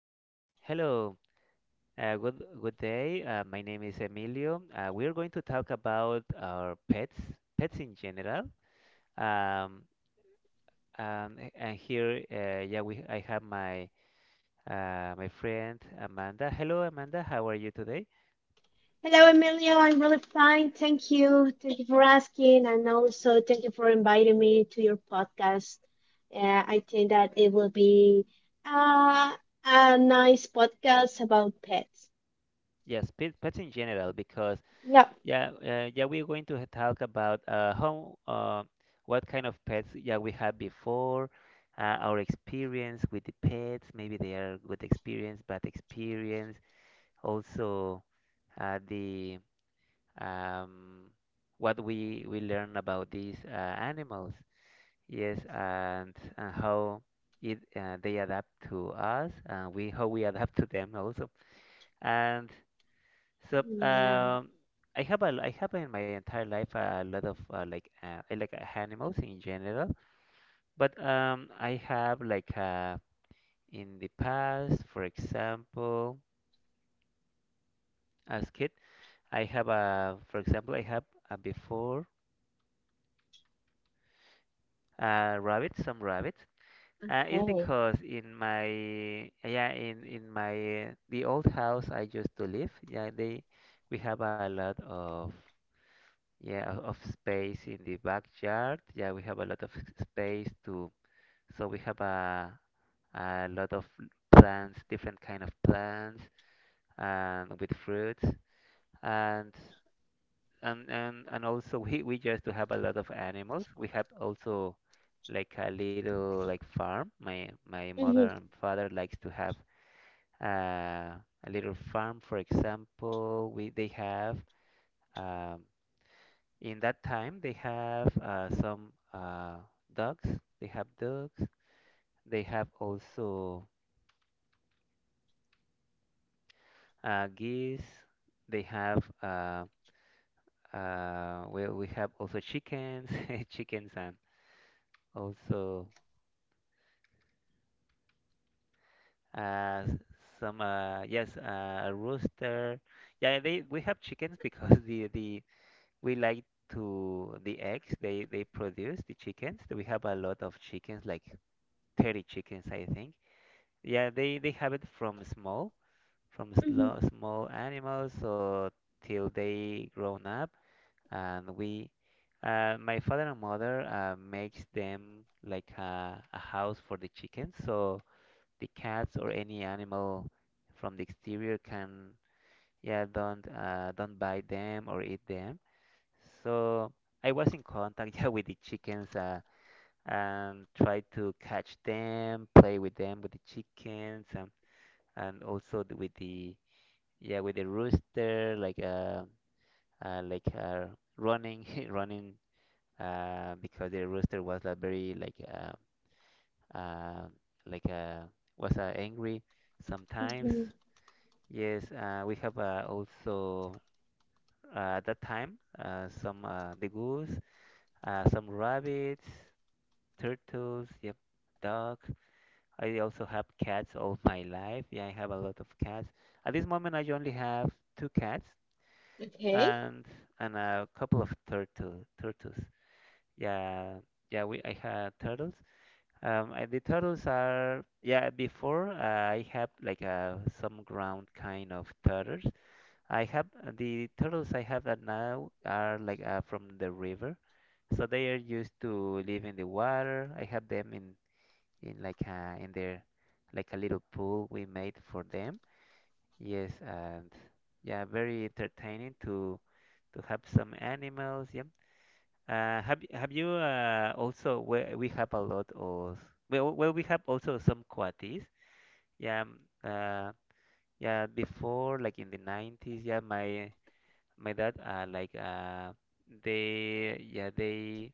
Hello. Good day. My name is Emilio. We're going to talk about our pets, pets in general. Um, and here, yeah, I have my friend Amanda. Hello, Amanda. How are you today? Hello, Emilio. I'm really fine. Thank you. Thank you for asking. And also, thank you for inviting me to your podcast. I think that it will be uh, a nice podcast about pets. Yes, pets in general, because Yeah. yeah, we're going to talk about how, what kind of pets, yeah, we had before. Our experience with the pets. Maybe they are good experience, bad experience. Also, the um, what we learn about these animals. Yes, and how it they adapt to us, and we how we adapt to them also. And so Yeah. um, I I have in my entire life a lot of like I like animals in general. But I have, in the past, for example, as kid, I have a for example, I have a before rabbits, some rabbits. It's Okay. because in my, yeah, in my the old house I used to live, yeah, they, we have a lot of, yeah, of space in the backyard, yeah, we have a lot of space to, so we have a lot of plants, different kind of plants, and with fruits. And and and and also, we just to have a lot of animals. We have also like a little like farm. My Hmm. mother and father likes to have a little farm. For example, we, they have um, in that time, they have some ducks. They have ducks. They have also geese. They have we have also chickens, chickens and also. uh, some, yes, a rooster. Yeah, they, we have chickens because the we like to the eggs, they produce the chickens. We have a lot of chickens, like 30 chickens, I think. Yeah, they have it from small, from Hmm. slow, small animals, so till they grown up, and we. My father and mother makes them like a house for the chickens, so the cats or any animal from the exterior can, yeah, don't bite them or eat them, so I was in contact yeah with the chickens and tried to catch them, play with them, with the chickens, and also with the, yeah, with the rooster, like, uh like uh, running running because the rooster was like very like, uh like uh was angry sometimes. Hmm. Yes, we have also, at that time, some, the goose, some rabbits, turtles, yep, dog. I also have cats all my life. Yeah, I have a lot of cats. At this moment, I only have two cats Okay. and and a couple of turtles. Yeah, yeah, we, I had turtles. And the turtles are, yeah. Before, I have like, some ground kind of turtles. I have, the turtles I have that now are like, from the river, so they are used to live in the water. I have them in like, in their, like a little pool we made for them. Yes, and yeah, very entertaining to have some animals. Yeah. Have you, also we have a lot of, well, well, we have also some coatis. Yeah. Yeah. Before, like in the 90s. Yeah. My dad, like they yeah they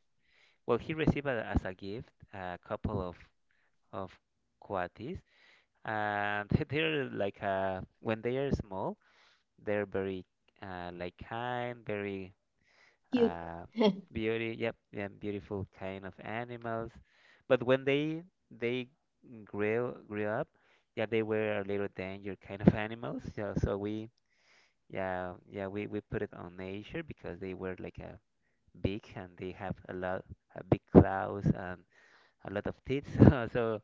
well, he received a, as a gift, a couple of coatis, and they're like, when they are small, they're very, like kind, very, Cute. uh, beauty, yep, yeah, beautiful kind of animals. But when they grew up, yeah, they were a little danger kind of animals, yeah, so we, yeah, yeah, we put it on nature because they were like a, big, and they have a lot, a big claws, and a lot of teeth, so, so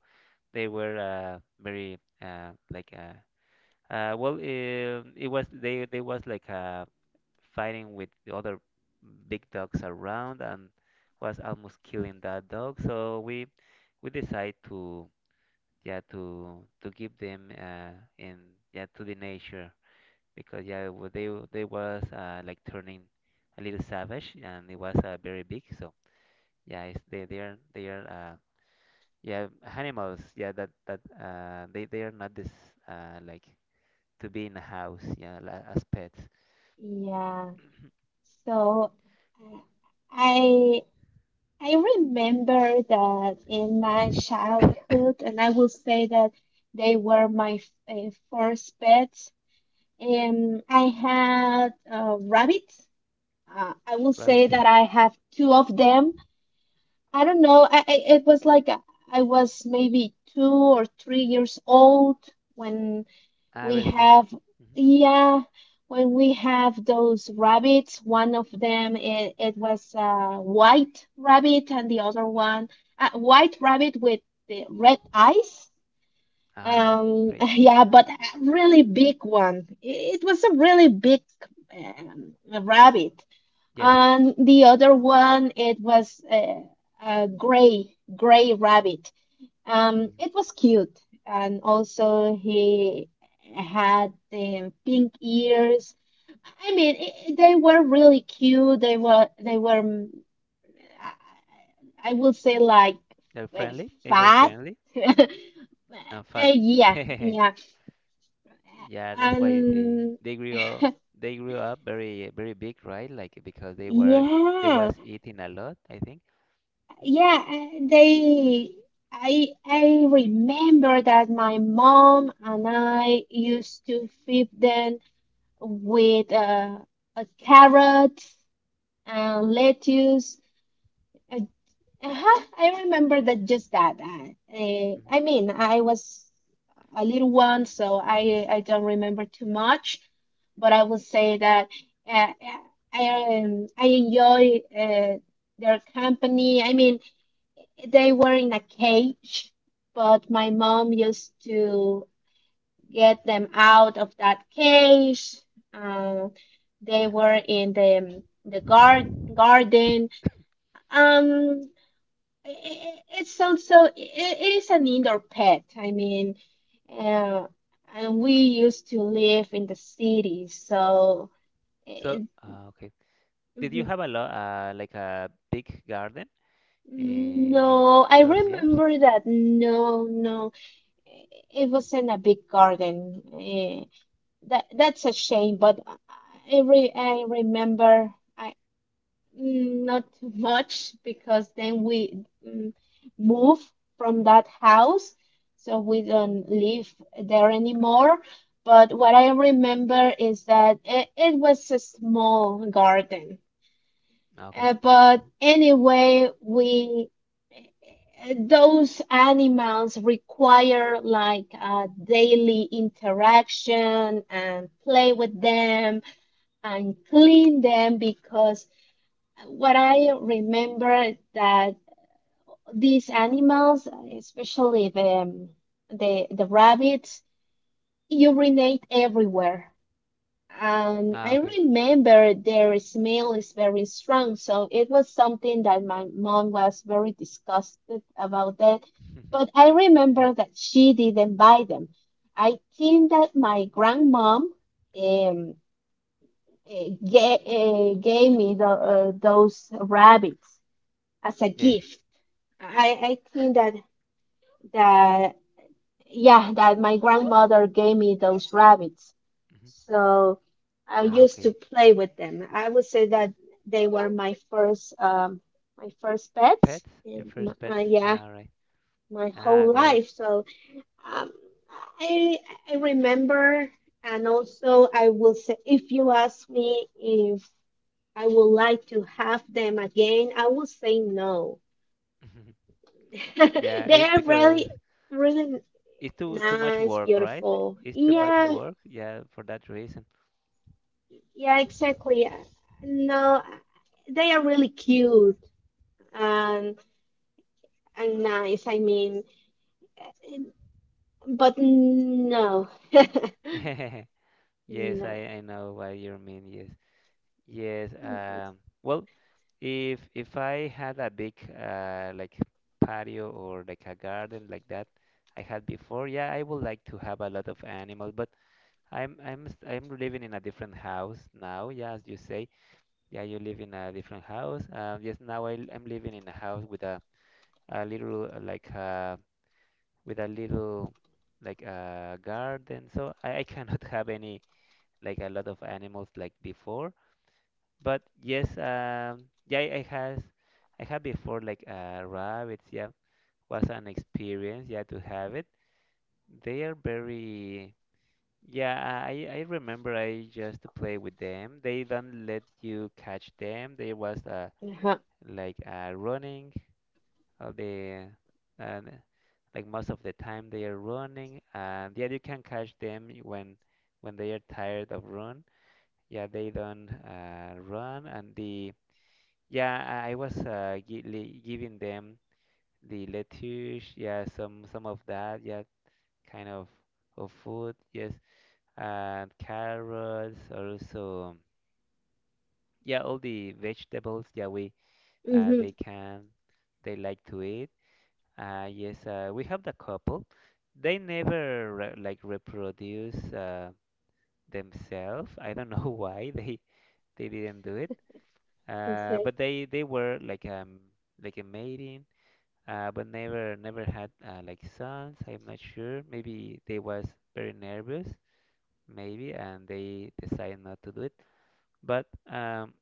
they were, very, well, it was, they was like, fighting with the other big dogs around, and was almost killing that dog, so we decide to, yeah, to give them, in, yeah, to the nature because, yeah, they was, like turning a little savage, and it was, very big. So yeah, it's, they are, they are, yeah, animals. Yeah, that, that, they are not this, like to be in a house. Yeah, as pets. Yeah. So uh, I I remember that in my childhood, and I will say that they were my first pets. I had rabbits. I will say Rabbits. that I have two of them. I don't know. It was like I was maybe 2 or 3 years old when Ah, we very small. have, Hmm. yeah, when we have those rabbits, one of them it was a white rabbit and the other one a white rabbit with the red eyes. Ah, right, right. yeah, but a really big one. It was a really big um, rabbit. Yes. And the other one, it was a gray rabbit. Um, Hmm. it was cute, and also he had the pink ears. I mean, I they were really cute. They were, I would say like They're eh, friendly. They were fat. friendly and fat. Yeah, yeah, Yeah, that's why they, and they grew up very very big, right? Like, because they were, they yeah, was eating a lot, I think. Mhm, yeah. eh, They, I remember that my mom and I used to feed them with a carrot and lettuce. Uh, uh-huh, I remember that just that. Mhm. I mean, I was a little one, so I don't remember too much, but I would say that uh, I enjoy their company. I mean, they were in a cage, but my mom used to get them out of that cage. Um, they Yeah. were in the garden. Um, I it's also it is an indoor pet. I mean, uh, and we used to live in the citySo, it, okay. Did you mhm. have a lot, like a big garden in, in No, in I those years? remember that. No, no, it wasn't a big garden. That's a shame, but I remember not too much because then we move from that house, so we don't live there anymore. But what I remember is that it was a small garden. Ah, okay. But Mhm. anyway, we those animals require like a daily interaction and play with them and clean them because what I remember that these animals, especially the rabbits, urinate everywhere. And Ah, I okay. remember their smell is very strong, so it was something that my mom was very disgusted about that. But I Yeah. remember that she didn't buy them. I think that my grandmom um, gave me those rabbits as a Yes. gift. I think that yeah, that my grandmother gave me those rabbits. Hmm. So I Ah, used okay. to play with them. I would say that they were my first pets. Pets? Your and my- first pets? Uh, yeah, All right. my Ah, whole great. life. So um, I I remember, and also I will say, if you ask me if I would like to have them again, I would say no. Yeah, They it are because really, really it's too too much nice, work, right? beautiful. It's too much Yeah, work. Yeah, for that reason. yeah, exactly. No, they are really cute and and nice. I mean, but no, Yes, I no. I know what you mean. Yes. Yes, Mhm. Well, if I had a big, like, patio or like a garden like that I had before, yeah, I would like to have a lot of animals, but I'm, I'm living in a different house now. Yeah, as you say, yeah, you live in a different house. Yes, now I, am living in a house with a little, with a little, like a garden, so I cannot have any, like a lot of animals like before. But yes, yeah, I had before, like, rabbits. Yeah, was an experience. Yeah, to have it. They are very. Yeah, I remember I just play with them. They don't let you catch them. They was, Uh-huh. Running all the, and like most of the time they are running. And yeah, you can catch them when they are tired of run. Yeah, they don't, run, and the, yeah, I was, giving them the lettuce, yeah, some of that, yeah, kind of food, yes, and carrots, also, yeah, all the vegetables, yeah, we, Hmm. they can, they like to eat. Yes, we have the couple. They never, re like reproduce, themselves. I don't know why they didn't do it. Okay. But they were like, like a mating. But never, never had, like, sons. I'm not sure. Maybe they was very nervous, maybe, and they decided not to do it. But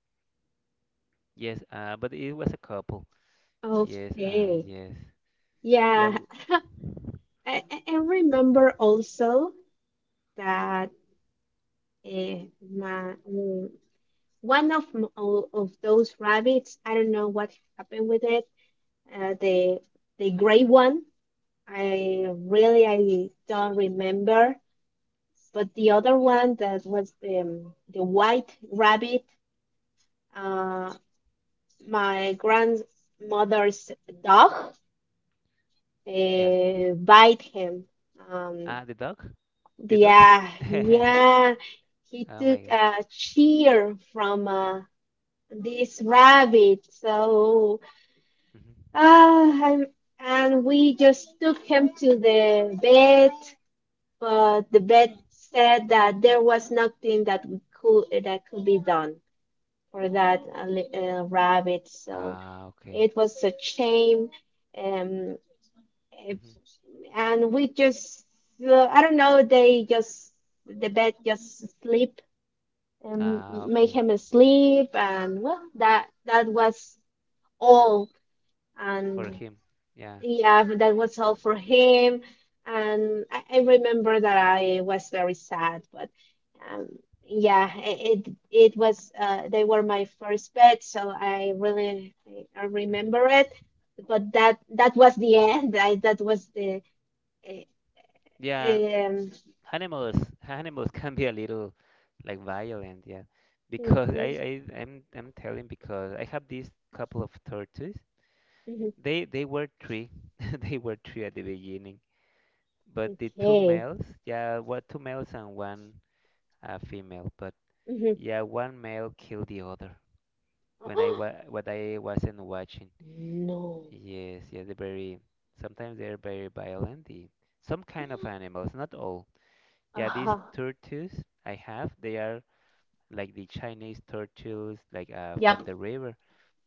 yes, but it was a couple. Yes, Okay. yes, yeah, Yeah, I, I remember also that my one of of those rabbits. I don't know what happened with it. Uh, the the gray one I don't remember, but the other one that was the white rabbit, uh, my grandmother's dog, yeah. Bite him. Um, Ah, the dog, the dog. yeah, yeah, he Oh my took God. a cheer from this rabbit, so Hmm. ah, I'm, and we just took him to the vet, but the vet said that there was nothing that could be done for that rabbit. So Ah, okay. it was a shame, um, if, Hmm. and we just I don't know. The vet just sleep and Ah, make okay. him asleep, and well, that was all. And For him, yeah. yeah, but that was all for him. And I remember that I was very sad, but um, yeah, it was they were my first pets, so I Hmm. remember it. But that was the end. I, that was the Yeah, eh, um. animals animals can be a little like violent, yeah. Because I, Mhm, I'm telling because I have these couple of tortoises. mhm. They were three. They were three at the beginning. But the two Okay. males, yeah, what, two males and one, female. But Mhm. yeah, one male killed the other when I wa what I wasn't watching. No. Yes, yeah, they're very, sometimes they're very violent. The, some kind of animals, not all. Yeah, these Uh-huh. tortoises I have, they are like the Chinese turtles, like, from Yep. the river.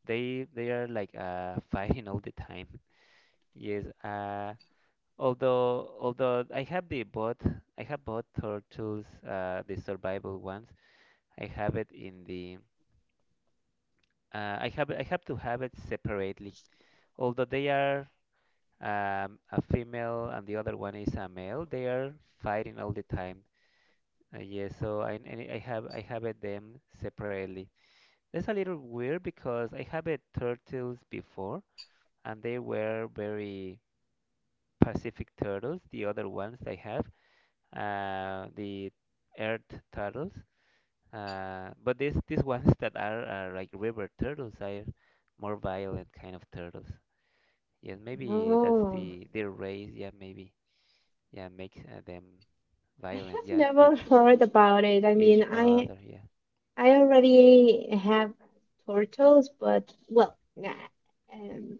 They are like, fighting all the time. Yes. Although I have the both, I have both turtles, the survival ones. I have it in the, I have to have it separately. Although they are, a female and the other one is a male, they are fighting all the time. Yeah, so I, and I have it them separately. It's a little weird because I have had turtles before, and they were very Pacific turtles. The other ones I have, the earth turtles. But these ones that are like river turtles, are more violent kind of turtles. Yes, maybe that's No. the their race. Yeah, maybe. Yeah, makes, them I violent. have Yeah, never each heard about it. I each mean, I other. Yeah. I already have turtles, but well, nah, um,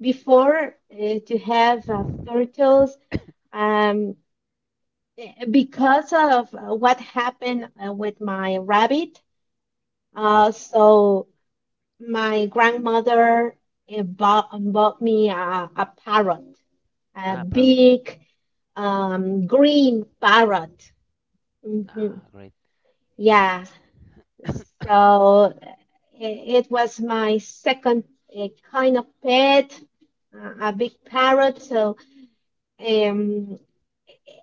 before to have turtles, um, because of what happened with my rabbit, Yep. So my grandmother bought me a parrot, a Ah, parrot. big green parrot. Hmm. Ah, great. Yes. Yeah. So it was my second kind of pet, a big parrot. So um,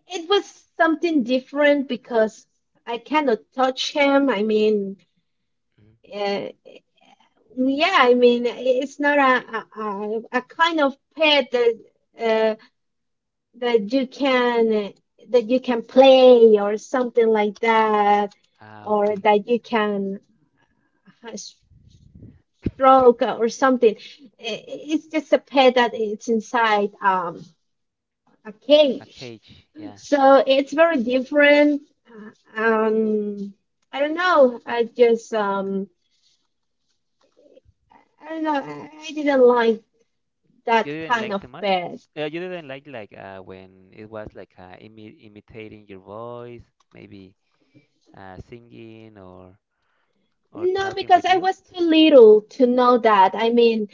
it was something different because I cannot touch him. I mean, Mhm. uh, yeah, I mean, it's not a, I-. a, a a kind of pet that uh, that you can that you can play or something like that, Ah, or okay. that you can uh, stroke or something. I- It's just a pet that it's inside a A cage. cage, yeah. So it's very different. Uh, Um, I don't know. I don't know. I didn't like You that didn't kind like of too much? pet. Yeah, you didn't like, when it was like, imitating your voice, maybe, singing or No, talking because with I you? was too little to know that. I mean,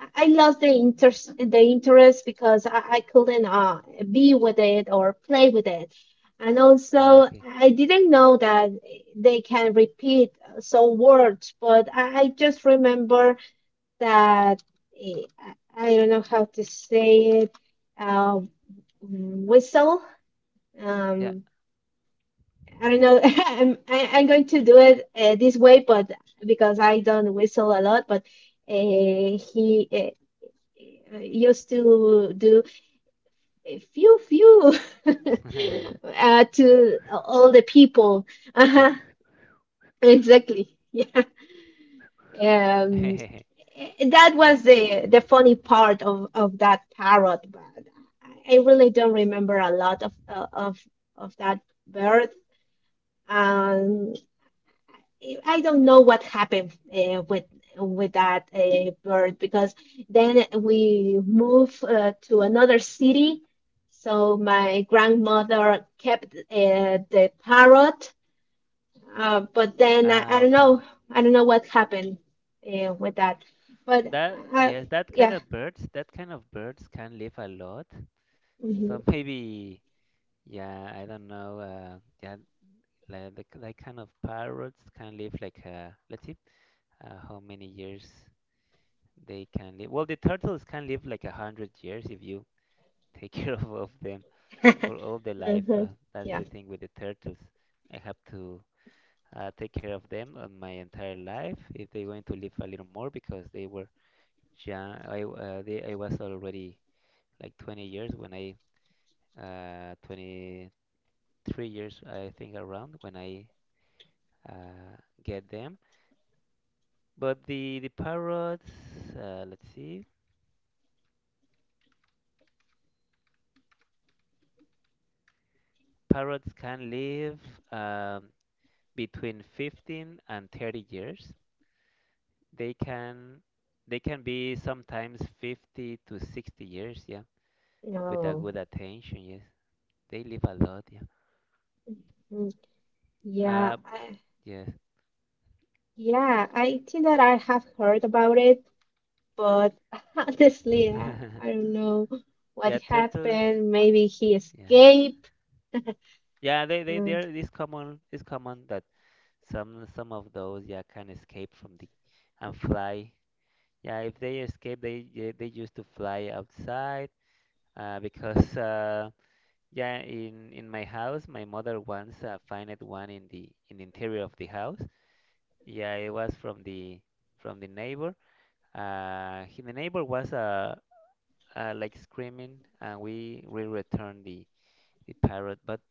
I lost the interest because I couldn't be with it or play with it. And Ah, also, okay. I didn't know that they can repeat some words, but I just remember that eh, I don't know how to say it. Uh, Whistle. Yeah. Um, I don't know. I'm going to do it this way, but because I don't whistle a lot, but uh, he eh, you still do a few to all the people. Like. Uh-huh. Exactly. Yeah. That Yeah. was the funny part of that parrot, but I really don't remember a lot of of that bird. Um, I don't know what happened with that bird because then we moved to another city. So my grandmother kept the parrot, but then I Ah, don't okay. know. I don't know what happened with that. But That, I, yes, that kind yeah. of birds, that kind of birds can live a lot. So Hmm. maybe, yeah, I don't know. Yeah, like that kind of parrots can live like, let's see, how many years? They can live. Well, the turtles can live like 100 years if you take care of them for all their life. Hmm. That's Yeah. the thing with the turtles. I have to take care of them my entire life if they're going to live a little more because they were young. I was already like 20 years when I 23 years I think around when I uh, get them. But the parrots, let's see, parrots can live. Um, between 15 and 30 years. They can they can be sometimes 50 to 60 years, yeah, with a No. good attention, yes. They live a lot, yeah. Mm. Yeah. Uh, yes. yeah. I think that I have heard about it. But honestly, I don't know what Yeah, turtles. happened. Maybe he Yeah. escaped. Yeah, they're it's common that some of those, yeah, can escape from the and fly. Yeah, if they escape, they used to fly outside because yeah, in my house, my mother once found one in the interior of the house. Yeah, it was from the neighbor. The neighbor was like screaming, and we returned the parrot. But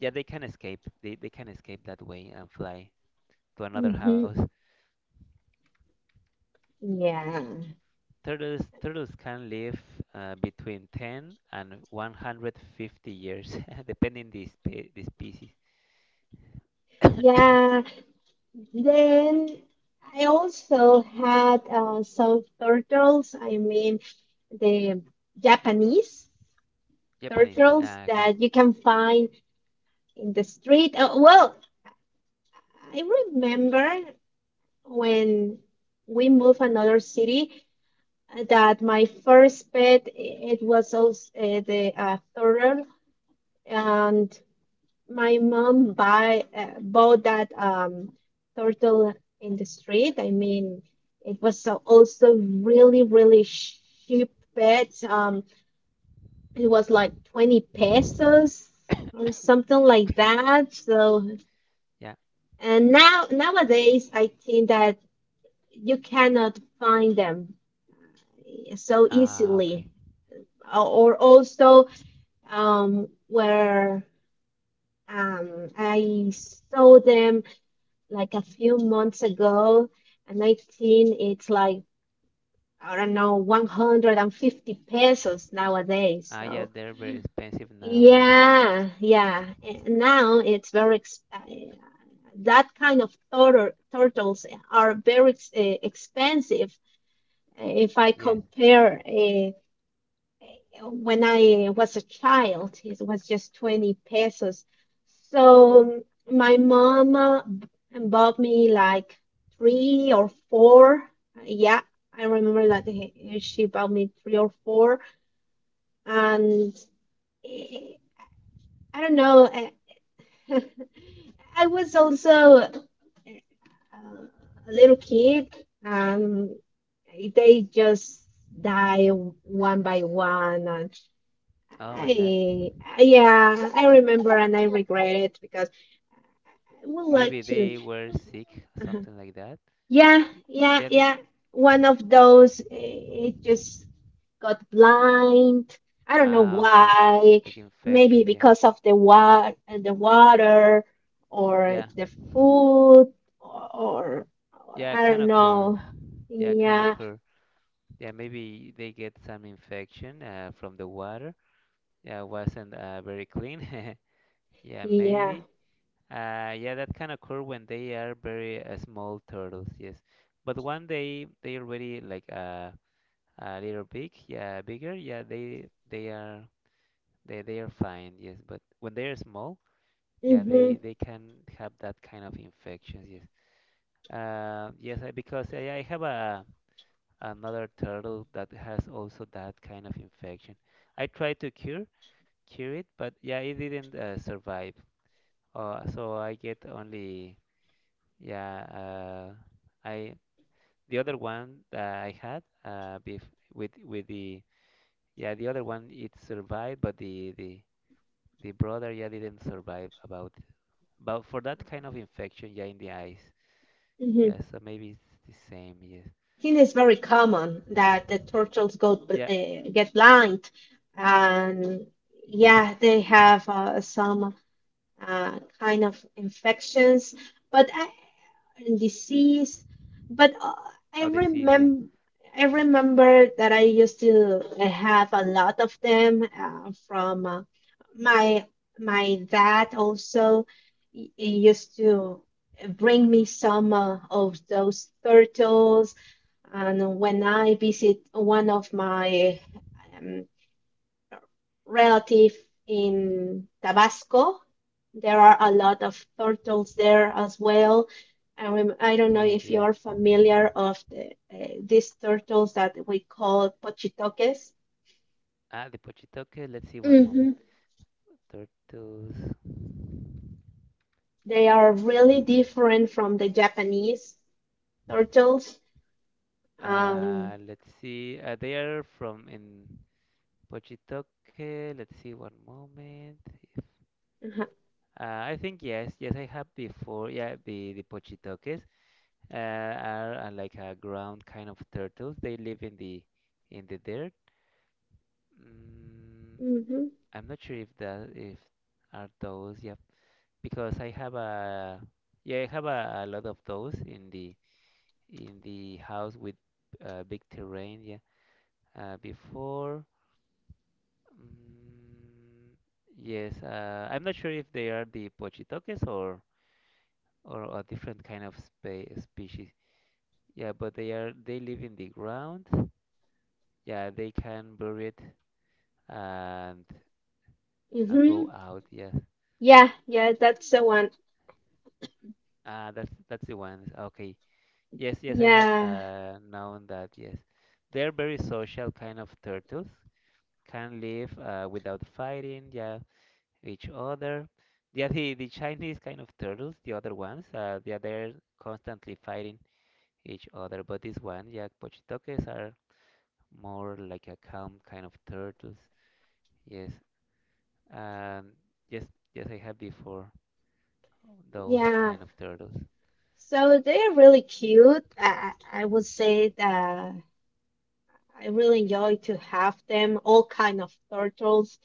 yeah, they can escape. They can escape that way and fly to another Mm-hmm. house. Yeah. Turtles can live between 10 and 150 years, depending the species. Yeah. Then I also had some turtles. I mean, the Japanese Japanese. Turtles Ah, okay. that you can find in the street. Well, I remember when we moved another city, that my first pet it was also the turtle and my mom buy bought that turtle in the street. I mean, it was so also really really cheap pet. It was like 20 pesos or something like that, so Yeah. and now nowadays I think that you cannot find them so Ah, easily, okay. or also where I saw them like a few months ago, and I think it's like, I don't know, 150 pesos nowadays. Ah, yeah, So, they're very expensive now. Yes, yeah, yeah. And now it's very, that kind of turtles are very expensive. If I yes. compare when I was a child, it was just 20 pesos. So my mom bought me like three or four. Yeah, I remember that she bought me three or four. And eh, I don't know, I was also eh, uh, a little kid. Um, they just die one by one. Oh my God. I, yeah, I remember, and I regret it because I would like Maybe to. they were sick, uh something like that. Yeah, yeah, Yeah, they, yeah. One of those, it just got blind. I don't know ah, okay. why. Like Maybe infection, yeah. because of the water, or Yeah, the food, or, or yeah, I can don't occur. know. Yeah, can Yeah, occur. Yeah, maybe they get some infection from the water. Yeah, wasn't very clean. Yeah, yeah. maybe. Yeah, that can occur when they are very small turtles, yes. But one day they already like a little big, yeah, bigger, yeah, they are fine, yes. But when they are small, yeah, they Mm-hmm, they can have that kind of infections, yes. Because I have a another turtle that has also that kind of infection. I tried to cure it, but yeah, it didn't survive. So I get only yeah. I the other one that I had bef with the Yeah, the other one it survived, but the brother, yeah, didn't survive about for that kind of infection, yeah, in the eyes. mm-hmm. Yeah, so maybe it's the same. Yes. I think it's very common that the turtles go Yeah. Get blind, and Yes. yeah, they have some kind of infections. But and disease. But I Oh, disease. Yeah. remember. I remember that I used to have a lot of them from my my dad also he used to bring me some of those turtles and when I visit one of my um, relative in Tabasco. There are a lot of turtles there as well. And I don't know if yeah. you're familiar of these turtles that we call pochitoques. Ah, the pochitoque. Let's see one moment. Hmm. Turtles. They are really different from the Japanese turtles. Um, Let's see. They are from in pochitoke Let's see one moment. uh Uh, I think yes, yes, I have before. Yeah, the pochitokes. Are like a ground kind of turtles. They live in the dirt. Mm, hmm. I'm not sure if that if are those. Yeah, because I have a yeah I have a lot of those in the house with big terrain. Yeah, before. Mm, yes, I'm not sure if they are the pochitoques or a different kind of species. Yeah, but they live in the ground, yeah, they can bury it and Hmm. go out, yeah. Yeah, yeah, that's the Yeah. one. Ah, that's the ones, okay. Yes, yes, I have, Yeah, uh, known that, yes. They're very social kind of turtles, can live without fighting, yeah, each other. Yeah, the Chinese kind of turtles, the other ones, yeah, they're constantly fighting each other. But this one, yeah, pochitokes are more like a calm kind of turtles. yes um yes, yes I have before those yeah. kind of turtles. So they're really cute. I would say that. I really enjoy to have them, all kind of turtles.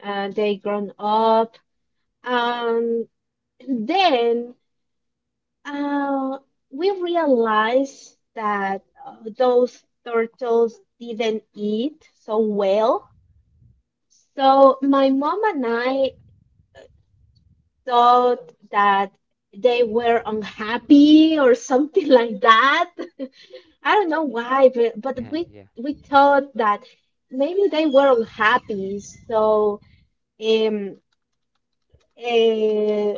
They grown up. Um, then uh, we realized that those turtles didn't eat so well. So my mom and I thought that they were unhappy or something like that. I don't know why, but, we Yeah. we thought that maybe they were unhappy. So Um, eh,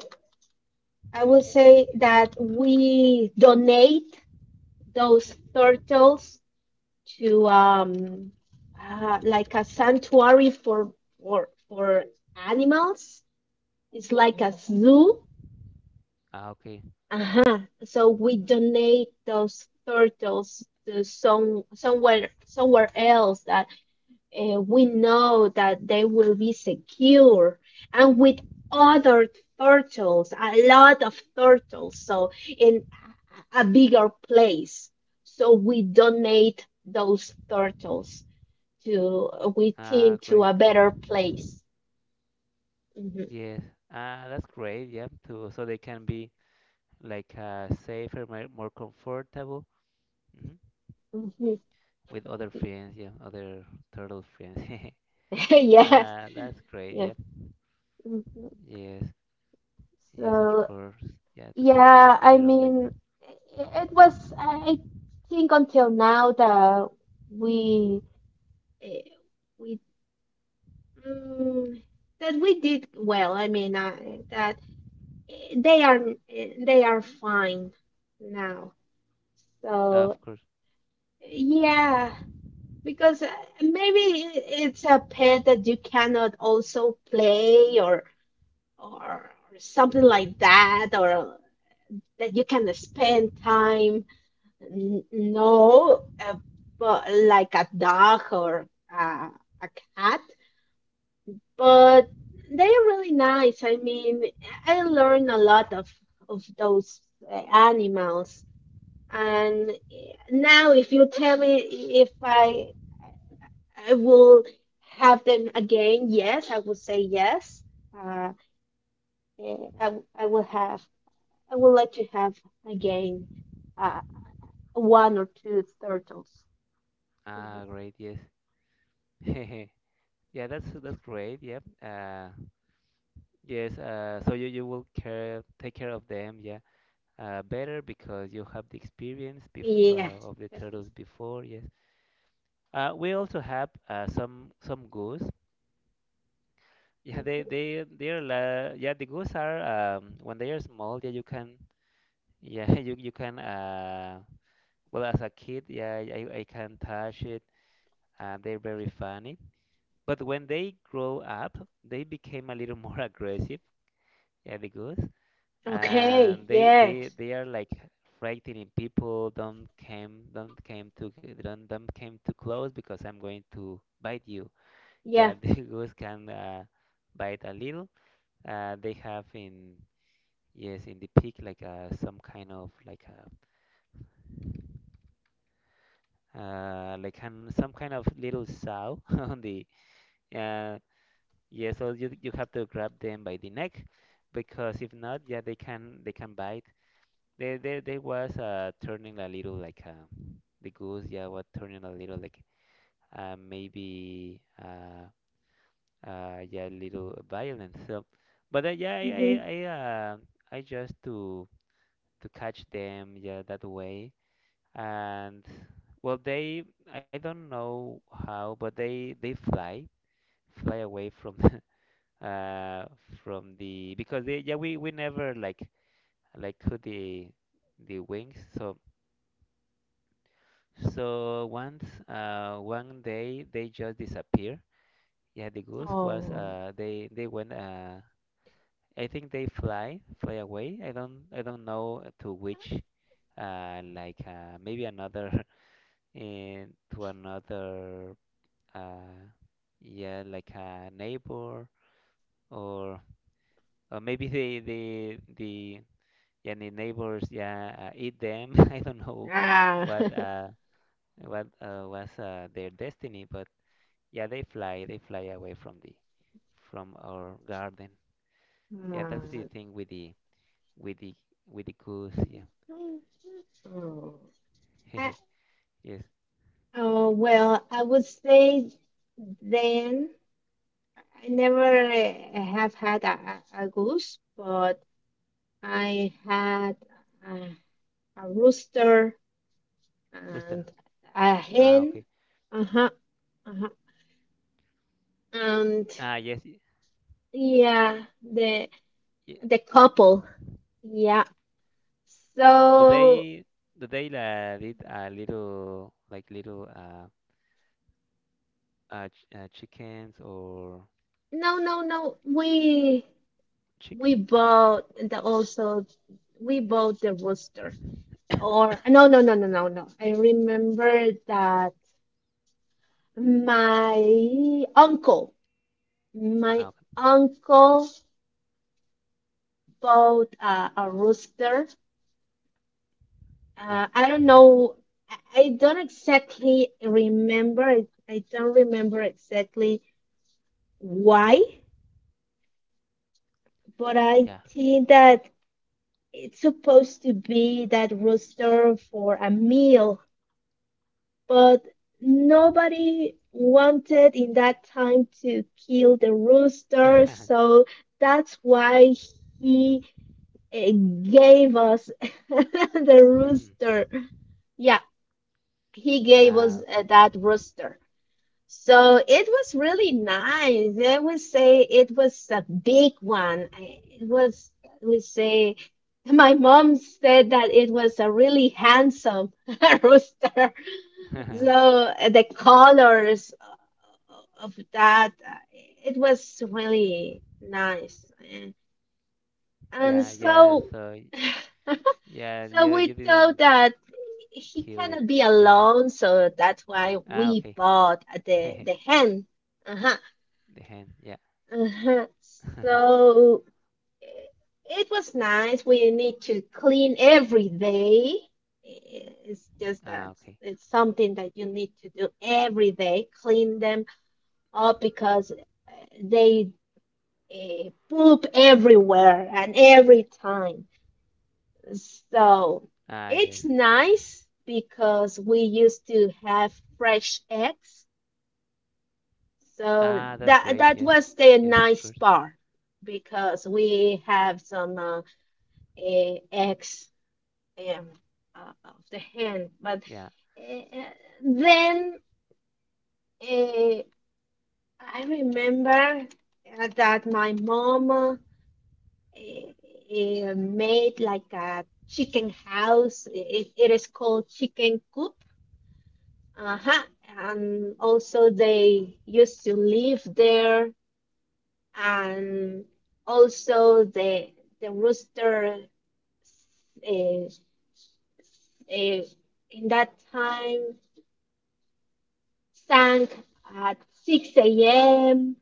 I will say that we donate those turtles to like a sanctuary for animals. It's like a zoo. Ah, okay. Uh-huh. So we donate those turtles to somewhere else that we know that they will be secure and with other turtles, a lot of turtles, so in a bigger place. So we donate those turtles to, we Ah, think, to great. a better place. Mhm. Yes. Ah, that's great. Yeah. To, so they can be like, safer, more, more comfortable, hmm Mhm. with other friends. Yeah, other turtle friends. Yeah, Ah, that's great. yeah. Yeah. Mhm. Yes. Yes, of So, course. Yeah, to take yeah, I care of them. mean, it was, I think until now that we, eh, we Mm, that we did well. I mean, that eh, they are they are fine now. Ah, of So course. yeah, because maybe it's a pet that you cannot also play or or something like Mhm. that, or that you can spend time. No, but like a dog or a cat. But they are really nice. I mean, I learned a lot of those animals, and now if you tell me if I will have them again, yes, I will say yes. Uh, eh, I w- I will have I will let you have again, uh, one or two turtles. Mhm. Ah, great. Yes. Yeah, that's great. Yeah. Yes. So you, you will care take care of them. Yeah. Better because you have the experience Yeah. Of the turtles before. Yes, we also have some goose. Yeah, Mhm. Yeah the goose are, when they are small. Yeah, you can, yeah, you can, well as a kid, yeah, I can touch it. They're very funny. But when they grow up, they became a little more aggressive. Yeah, the goose. Okay. And Yes. they are like frightening people. Don't came too close because I'm going to bite you, Yeah. yeah. The goose can, bite a little, they have in yes, in the peak, like, some kind of like a like an, some kind of little sow on the, uh, yeah, so you have to grab them by the neck because if not, yeah, they can bite. There was, turning a little like, the goose, yeah, was turning a little like, maybe yeah, a little violent. So, but, Hmm. I just to catch them, yeah, that way. And well, I don't know how, but fly away from the, uh, from the because yeah, we never like cut the wings, so. So once, one day they just disappear. Yeah, the goose was. Oh. They went. I think they fly fly away. I don't know to which. Like, maybe another in to another. Uh, yeah, like a neighbor or or maybe the yeah, the neighbors, yeah, eat them. I don't know Ah. what, was, their destiny. But yeah, they fly away from the from our garden. Yeah, that's the Ah. thing with the with the with the goose. Yeah, Oh. I, yes, oh, well, I would say then I never have had a, a goose, but I had a, a rooster rooster. and a Ah, hen. okay. Uh-huh, uh-huh. And Ah, yes. Yeah, the Yeah. the couple. Yeah. Do So they eat a little like little, ch chickens or no, no, no. We. chicks? We bought the also we bought the rooster. Or no, no, no, no, no, no. I remember that my uncle Ah, my okay. uncle bought a rooster. Yeah, I don't know. I don't exactly remember. I don't remember exactly why, but I yeah. think that it's supposed to be that rooster for a meal, but nobody wanted in that time to kill the rooster, so that's why he uh, gave us the rooster. Yeah, he gave Ah, us okay. That rooster. So it was really nice. I would say it was a big one. It was, I would say, my mom said that it was a really handsome rooster. So the colors of that, it was really nice. And, and Yeah, yeah. so, So yeah, you so we you didn't thought that he kill it. cannot be Yeah. alone, so that's why Ah, we okay. bought the the hen. Uh-huh. The hand, yeah. Uh-huh. So it was nice. We need to clean every day. It's just Ah, that okay. it's something that you need to do every day, clean them all because they poop everywhere and every time. So Ah, yes. it's nice because we used to have fresh eggs. So Ah, that's that great. that Yes. was the Yes, of nice course. part, because we have some eggs um, of the hen. But Yeah. eh, eh, then uh, I remember that my mom eh, made like a chicken house. It is called chicken coop. Uh-huh. And also they used to live there. And also the rooster, uh, in that time, sang at 6 a.m.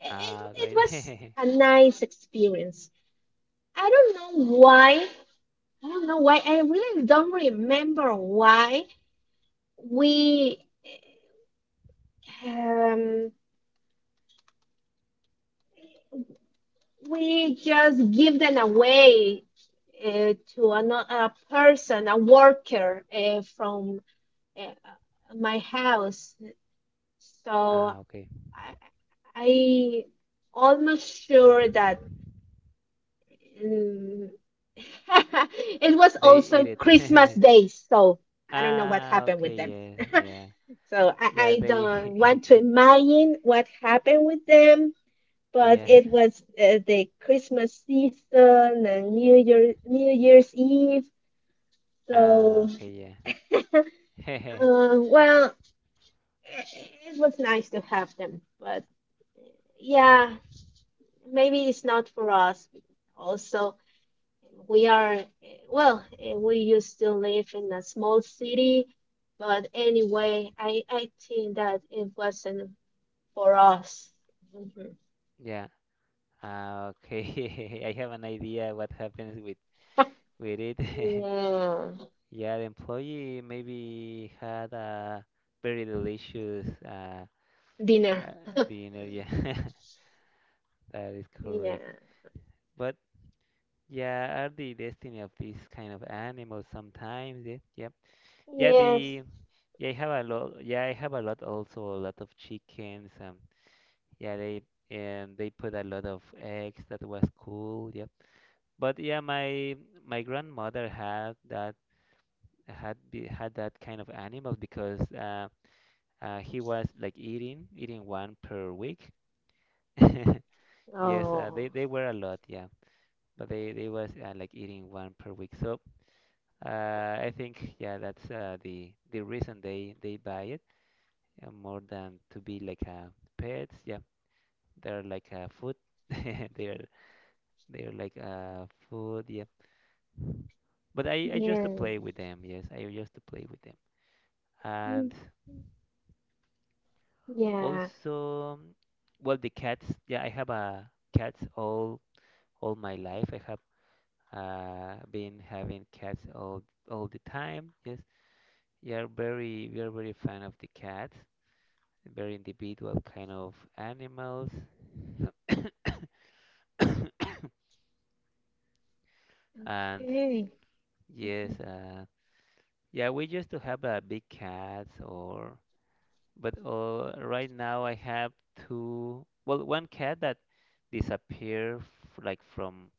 It, Ah, it great. was a nice experience. I don't know why I don't know why. I really don't remember why we um just give them away to another person, a worker from my house. So Ah, okay. I, I almost sure that um, it was They eat also it. Christmas Day. So I don't know what Ah, happened with okay. them. Yes. Yeah. So I, Yeah, I don't want to they. imagine what happened with them, but Yeah. it was the Christmas season and New Year's Eve. Ah, So okay. Yeah. Well, it, it was nice to have them, but yeah, maybe it's not for us. Also, we are uh, we used to live in a small city, but anyway, I think that it wasn't for us. Mhm. Yeah. Ah, okay. I have an idea what happens with it. Yeah. Yeah, the employee maybe had a very delicious, Dinner. uh dinner. Yeah. That is Yeah. correct. But yeah, are the destiny of these kind of animals sometimes. Yeah, yep. Yeah, Yes. the yeah, I have a lot. Yeah, I have a lot, also a lot of chickens. Yeah, they, and they put a lot of eggs. That was cool. Yep. But yeah, my grandmother had that, had that kind of animals because, he was like eating one per week. Yes, Oh. they were a lot. Yeah. But they was, like eating one per week. So, uh, I think, yeah, that's, the reason they buy it, more than to be like, pets. Yeah, they're like, food. They're they're like, food. Yeah, but I just to Yeah. play with them. Yes, I just to play with them. Mm, And yeah. also, well, the cats. Yeah, I have a cats all my life. I have, been having cats all the time. Yes. We are very fan of the cats, very individual kind of animals, and Okay. Mm-hmm. yes, yeah, we used to have a big cats or, but, right now I have two, well, one cat that disappeared f like from,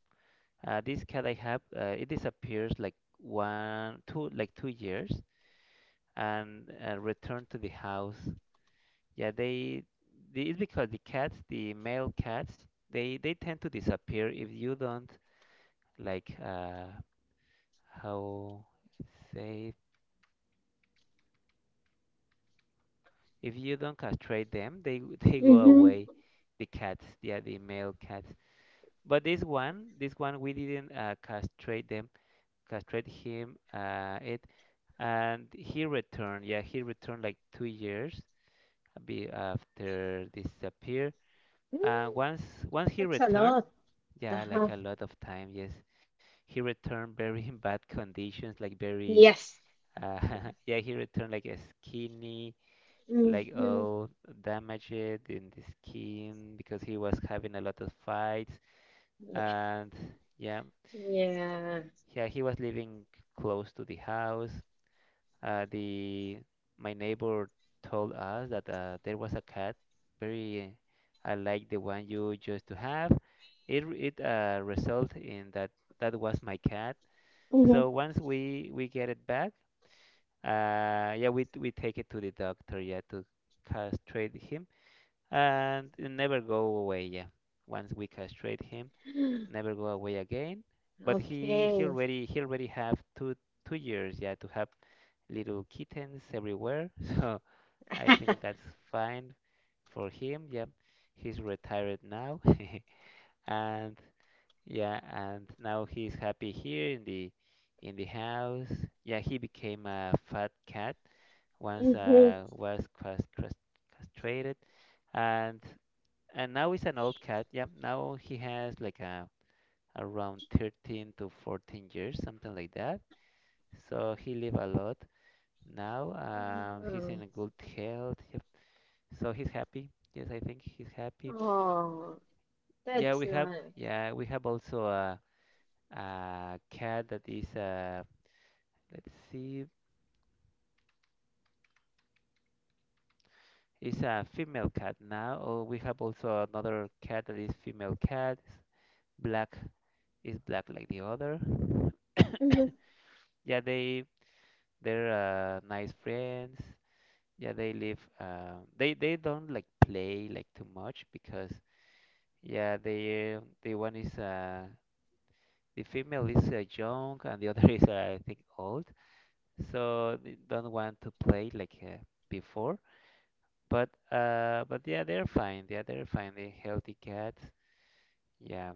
this cat I have, it disappears like one two like 2 years and, returned to the house. Yeah, they, the, it's because the cats, the male cats, they tend to disappear if you don't like, how say if you don't castrate them, they they go away. Mm-hmm. The cats, yeah, the male cats. But this one we didn't, castrate castrate him it, and he returned. Yeah, he returned like 2 years be after disappear. And Mm, once he That's a returned, lot. yeah, Uh-huh. like a lot of time, yes. He returned very in bad conditions, like very, Yes. Yes. uh, yeah, he returned like a skinny, like Mm-hmm. all damaged in the skin because he was having a lot of fights. Yeah. And yeah, Yeah. yeah, he was living close to the house. The my neighbor told us that, there was a cat, very, like the one you used to have. It result in that was my cat. Mm-hmm. So once we get it back, yeah, we take it to the doctor, yeah, to castrate him, and it never go away, yeah. Once we castrate him, Yeah. never go away again. But he he Okay. already he already have two years, yeah, to have little kittens everywhere. So I think that's fine for him. Yep, he's retired now, and yeah, and now he's happy here in the house. Yeah, he became a fat cat once Mm-hmm. Was castrated, and and now he's an old cat. Yep, now he has like a around 13 to 14 years, something like that. So he live a lot now. He's Yeah. in a good health. Yep. So he's happy. Yes, I think he's happy. Oh, that's not. Yeah, we have also a cat that is. Let's see. It's a female cat now. Oh, we have also another cat that is female cat. It's Black black like the other. Mm-hmm. Yeah, they're nice friends. Yeah, they live. They don't like play like too much because yeah, the female is young and the other is I think old, so they don't want to play like before. But yeah, they're fine. Yeah, they're fine. They're healthy cats. Yeah,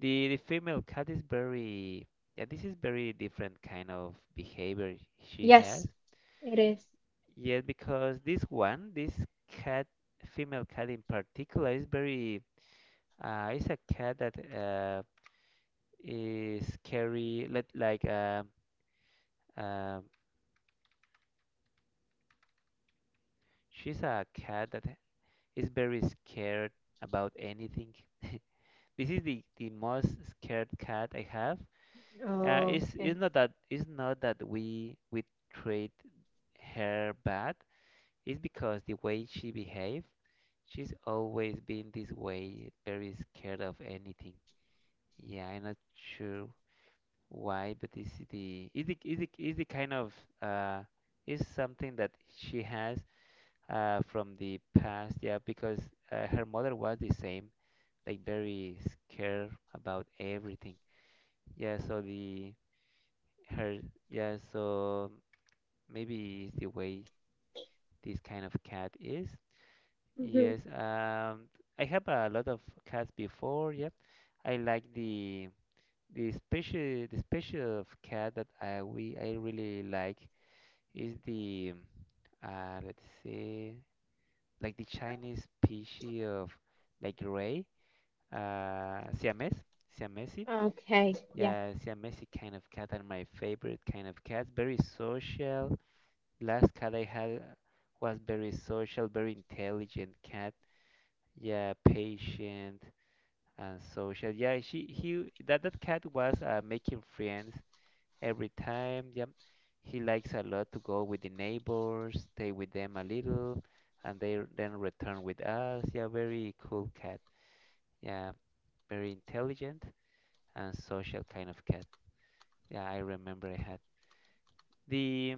the female cat is very yeah. This is very different kind of behavior she has. Yes, it is. Yeah, because this cat, female cat in particular, is very is a cat that is scary. Let like um She's a cat that is very scared about anything. This is the most scared cat I have. Oh, okay. It's not that we treat her bad. It's because the way she behaves, she's always been this way, very scared of anything. Yeah, I'm not sure why, but this is is the kind of uh is something that she has from the past, yeah, because her mother was the same, like very scared about everything. Yeah, so the her yeah, so maybe it's the way this kind of cat is. Mm-hmm. Yes, I have a lot of cats before. Yep, I like the special of cat that I really like is the let's see. Like the Chinese species of like gray, Siamese. Okay. Yeah. Yeah, Siamese kind of cat are my favorite kind of cats. Very social. Last cat I had was very social, very intelligent cat. Yeah, patient and social. Yeah, she he that that cat was making friends every time. Yep. He likes a lot to go with the neighbors, stay with them a little, and they then return with us. Yeah, very cool cat. Yeah, very intelligent and social kind of cat. Yeah, I remember I had the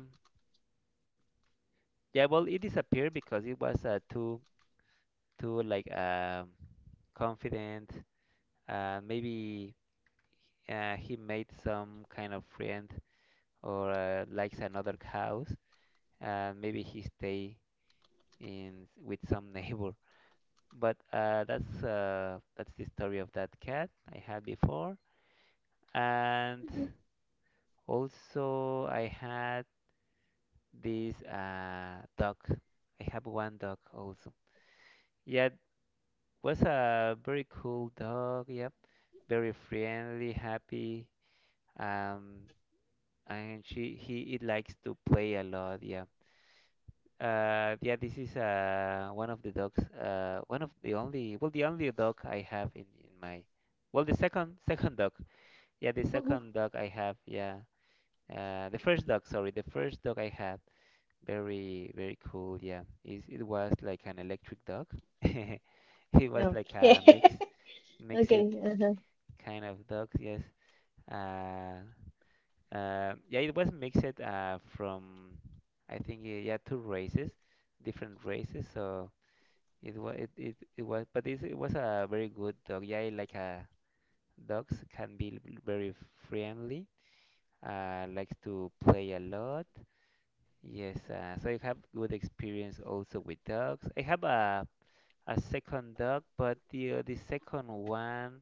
yeah. Well, it disappeared because it was too too like um confident. Maybe he made some kind of friend or likes another house. Maybe he stay in with some neighbor. But that's That's the story of that cat I had before, and Mhm, also I had this dog. I have one dog also. Yeah, it was a very cool dog. Yep, very friendly, happy. Um, and she he it likes to play a lot. Yeah. Yeah, this is one of the dogs. One of the only well the only dog I have in my well the second dog. Yeah, the second mhm. dog I have, yeah. The first dog I had, very, very cool, yeah. It was like an electric dog. It was like Okay. a mixed Okay. Uh-huh. kind of dog, yes. Uh, yeah, it was mixed from, yeah, two races, different races. So it was, it was, but it was a very good dog. Yeah, I like dogs can be very friendly likes to play a lot. Yes, so I have good experience also with dogs. I have a second dog, but the second one,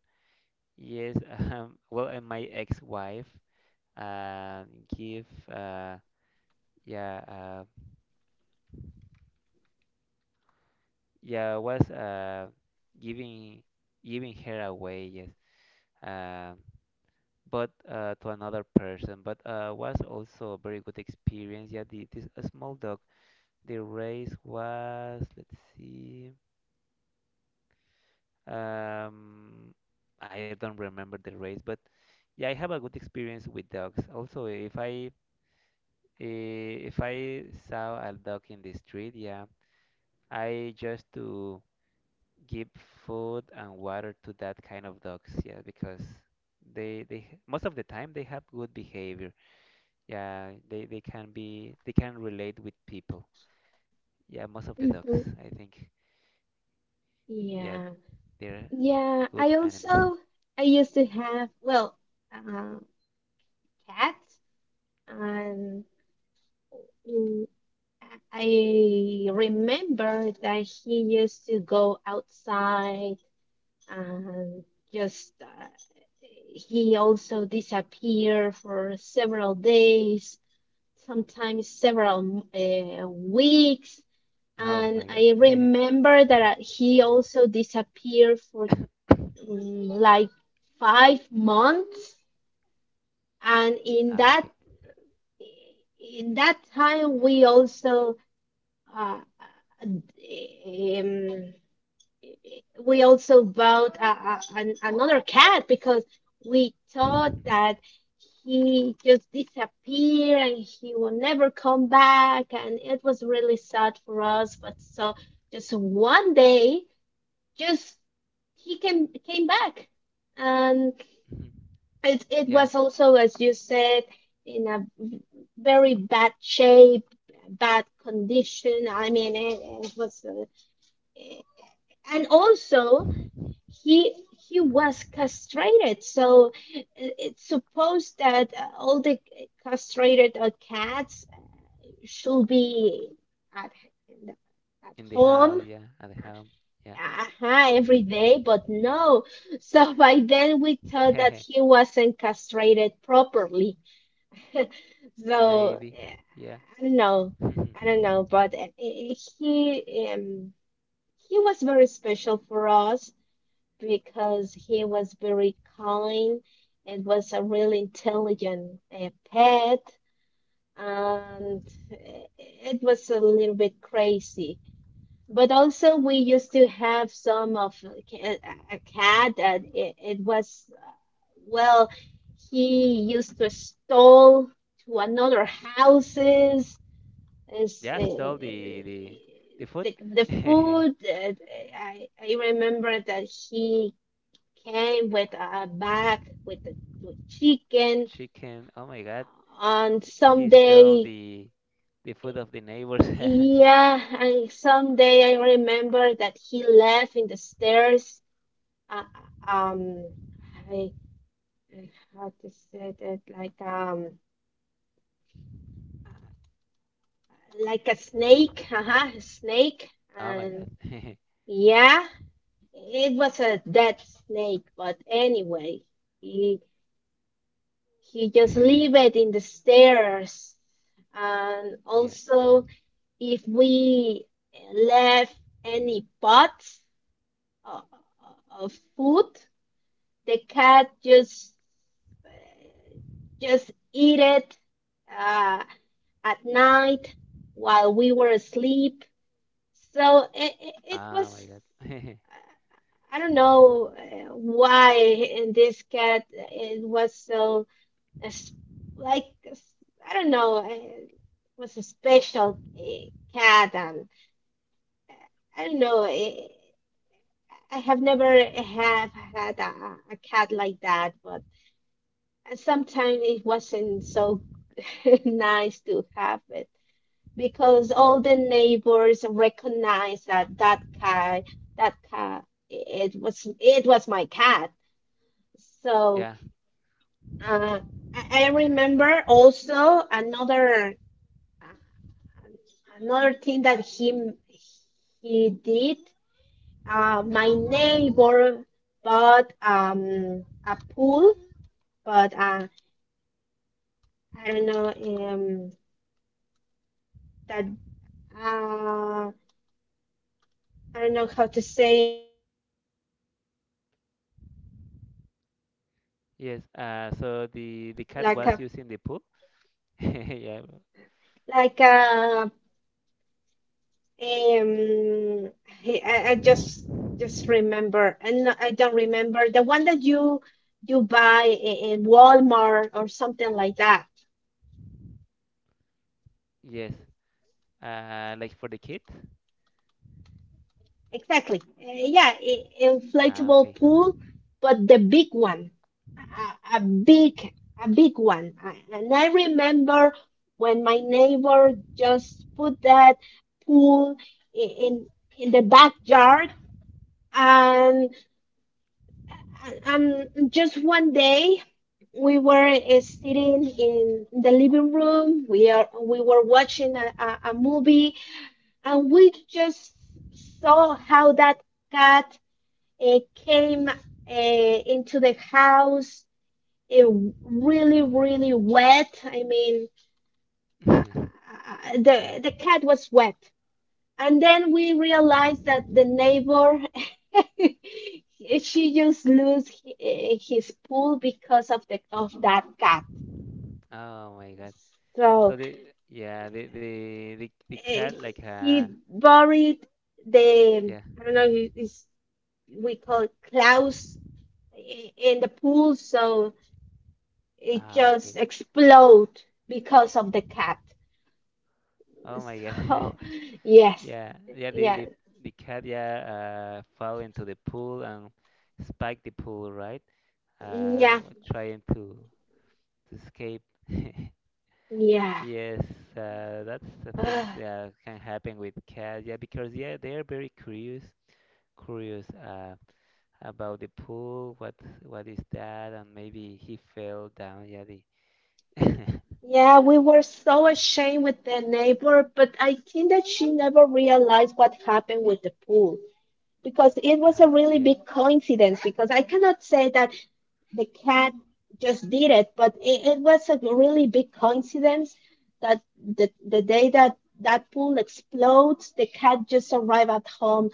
yes, well, and my ex-wife, uh, give, uh, yeah, yeah, was giving giving her away, yes, um, but to another person. But Was also a very good experience. Yeah, this a small dog. The race was, let's see, um, I don't remember the race, but yeah, I have a good experience with dogs. Also, if I if I saw a dog in the street, yeah, I just to give food and water to that kind of dogs, yeah, because most of the time they have good behavior. Yeah, they can be they can relate with people. Yeah, most of the dogs, Hmm. I think, yeah, Yeah. they're Yeah. I good animals. also I used to have, well, uh, cats, and mm, I remember that he used to go outside and just, he also disappeared for several days, sometimes several weeks, Oh and my I god. remember that he also disappeared for like 5 months, and in Ah, that okay. in that time uh, um, we also bought another cat, because we thought that he just disappeared and he will never come back, and it was really sad for us. But so just one day, just, he came back, and it Yeah. was also, as you said, in a very bad condition. I mean, it was, eh, and also he he was castrated. So it's supposed that all the castrated cats should be at at In the home. house, yeah. At the home, yeah. Aha, every day, but no. So by then we thought that he wasn't castrated properly. So Maybe, yeah. I don't know, I don't know, but he was very special for us because he was very kind, and was a really intelligent pet, and it was a little bit crazy. But also, we used to have some of a a cat that it was, well, he used to stole to another houses, is Yeah, stole the the food. the food. I remember that he came with a bag with the with chicken Chicken. Oh my god, on he stole someday. The food of the neighbors. Yeah, I remember that he left in the stairs, uh, um I, I how to say that, like a snake, uh-huh, a snake, Oh my and god. yeah, it was a dead snake. But anyway, he just leave it in the stairs. And Yeah. also, if we left any pots o- of food, the cat just eat it uh, at night while we were asleep. So it Oh my was, god. I don't know, why in this cat it was so uh, s- like, I don't know, it was a special cat, and I don't know, I have never have had a cat like that. But and sometimes it wasn't so nice to have it, because all the neighbors recognized that that cat, it was my cat. So Yeah. uh, I remember also another thing that he did. My neighbor bought a pool, but I don't know that uh, I don't know how to say, Yes. So the cat like was a using the poo. Yeah. like a um I just remember, and I don't remember the one that you buy, in Walmart or something like that. Yes. Like for the kid? Exactly. Yeah, Ah, inflatable okay. pool, but the big one, a, a big, a big one. And I remember when my neighbor just put that pool, i- in in the backyard, and just one day, we were sitting in the living room. We were watching a movie, and we just saw how that cat came, into the house, uh, really, really wet. I mean, uh, Yeah. the cat was wet, and then we realized that the neighbor, she just lose, his pool because of that cat. Oh my God. So So the yeah the uh, cat like he buried the, yeah. I don't know, is we call it Klaus, in the pool. So it Ah, okay. just explode because of the cat. Oh my God. So yes, Yeah, yeah, the yeah, the the cat yeah fell into the pool and spiked the pool, right? Yeah, trying to escape. yeah. Yes, that's the things Ah, that can happen with cats, yeah, because yeah they are very curious about the pool, what is that, and maybe he fell down. Yeah, the yeah, we were so ashamed with the neighbor, but I think that she never realized what happened with the pool, because it was uh, a really yeah, big coincidence. Because I cannot say that the cat just did it, but it was a really big coincidence that the, day that that pool explodes, the cat just arrived at home,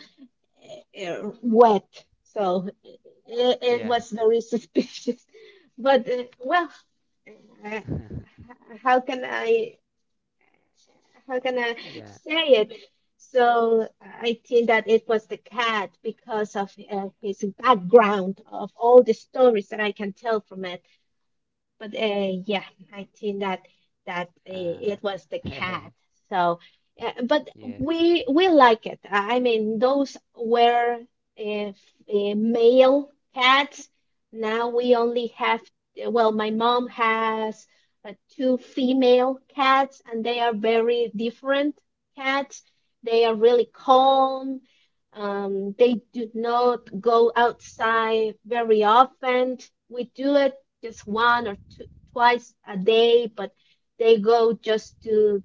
wet. So it yeah, was very suspicious. But well, uh, how can I how can I yeah. say it? So I think that it was the cat because of his background, of all the stories that I can tell from it. But yeah, I think that it was the Uh, cat. So, but yes, we like it. I mean, those were male cats. Now we only have, well, my mom has two female cats, and they are very different cats. They are really calm. They do not go outside very often. We do it just one or two, twice a day, but they go just to,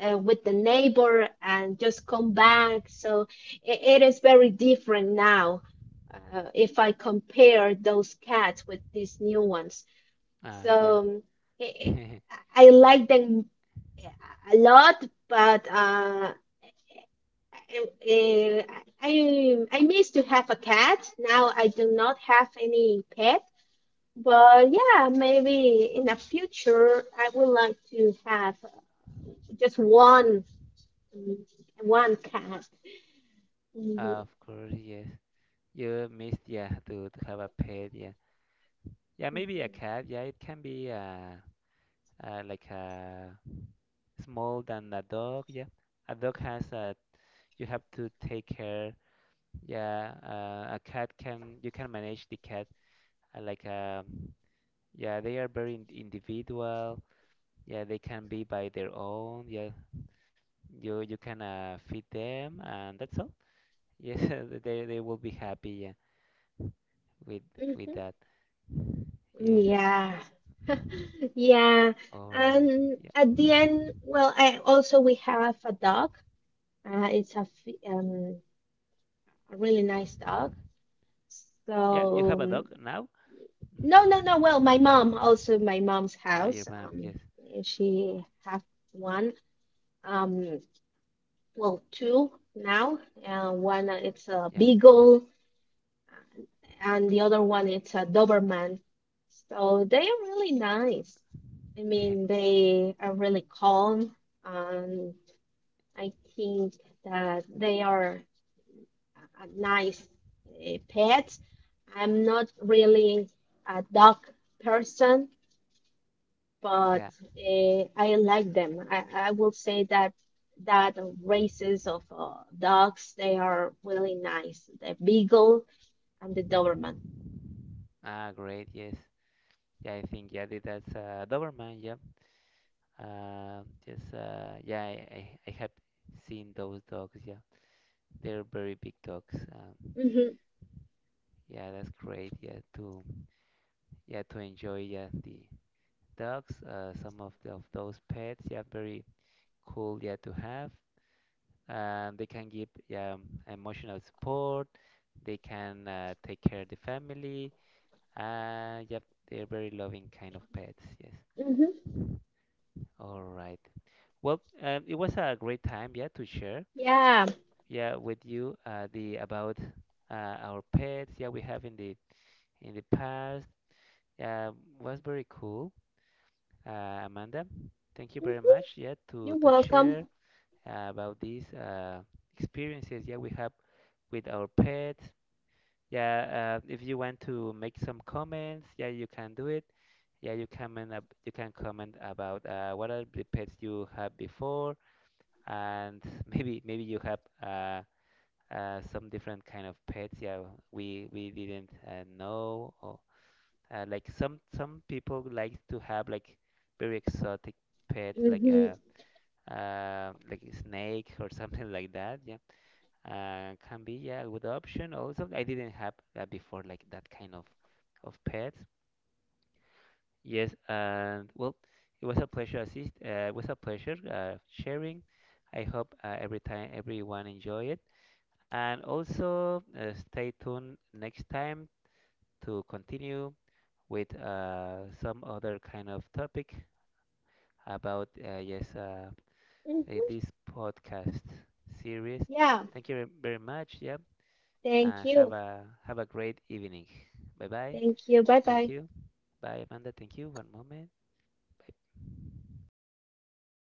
with the neighbor, and just come back. So it is very different now, if I compare those cats with these new ones. Yeah. So i I like them a lot, but I, I miss to have a cat. Now I do not have any pet, but yeah, maybe in the future I would like to have just mm, one cat. Mhm. Of course, yes. You missed yeah to have a pet. Yeah, yeah. Maybe a cat. Yeah, it can be like a small than a dog. Yeah, a dog has a you have to take care. Yeah, a cat can you can manage the cat uh, like um Yeah, they are very individual. Yeah, they can be by their own. Yeah, you can feed them, and that's all. Yes, they will be happy. Yeah, with Mhm. that. Yes. Yeah. Yeah. All right. And Yeah. at the end, well, I also we have a dog. It's a really nice dog. Yeah. You So have a dog now? Mhm. no, no, no. Well, my mom's Ah, your house. mom. Yes. She have one. Um, well, two now. One, it's a Yeah. beagle, and the other one it's a Doberman. So they are really nice. I mean, they are really calm, and I think that they are a nice pet. I'm not really a dog person, but Yeah. I like them. I will say that that races of dogs, they are really nice. The Beagle and the Doberman. Ah, great. Yes. Yeah, I think yeah, that's Doberman. Yeah. Just Yeah, I have seen those dogs. Yeah, they're very big dogs. Hmm. Yeah, that's great. Yeah, to yeah to enjoy yeah the dogs, some of of those pets. Yeah, very cool. Yeah, to have. They can give yeah emotional support. They can take care of the family. Yep, they're very loving kind of pets. Yes. Hmm. All right. Well, it was a great time. Yeah, to share. Yeah. Yeah, with you the about our pets. Yeah, we have in the past. Yeah, was very cool. Amanda. Thank you Hmm. very much, yeah, You're to welcome. share about these experiences, yeah, we have with our pets. Yeah, if you want to make some comments, yeah, you can do it. Yeah, you can comment about what are the pets you have before, and maybe you have some different kind of pets. Yeah, we didn't know, or like some people like to have like very exotic pets, Hmm. Like a snake or something like that. Yeah, can be yeah a good option. Also, I didn't have that before, like that kind of pets. Yes, and well, it was a pleasure assist. It was a pleasure sharing. I hope every time everyone enjoy it. And also stay tuned next time to continue with some other kind of topic about Hmm. in this podcast series. Yeah. Thank you very much. Yeah, Thank and have you. a great evening. Bye bye. Thank you. Bye Thank bye. you. Bye Amanda. Thank you. One moment. Bye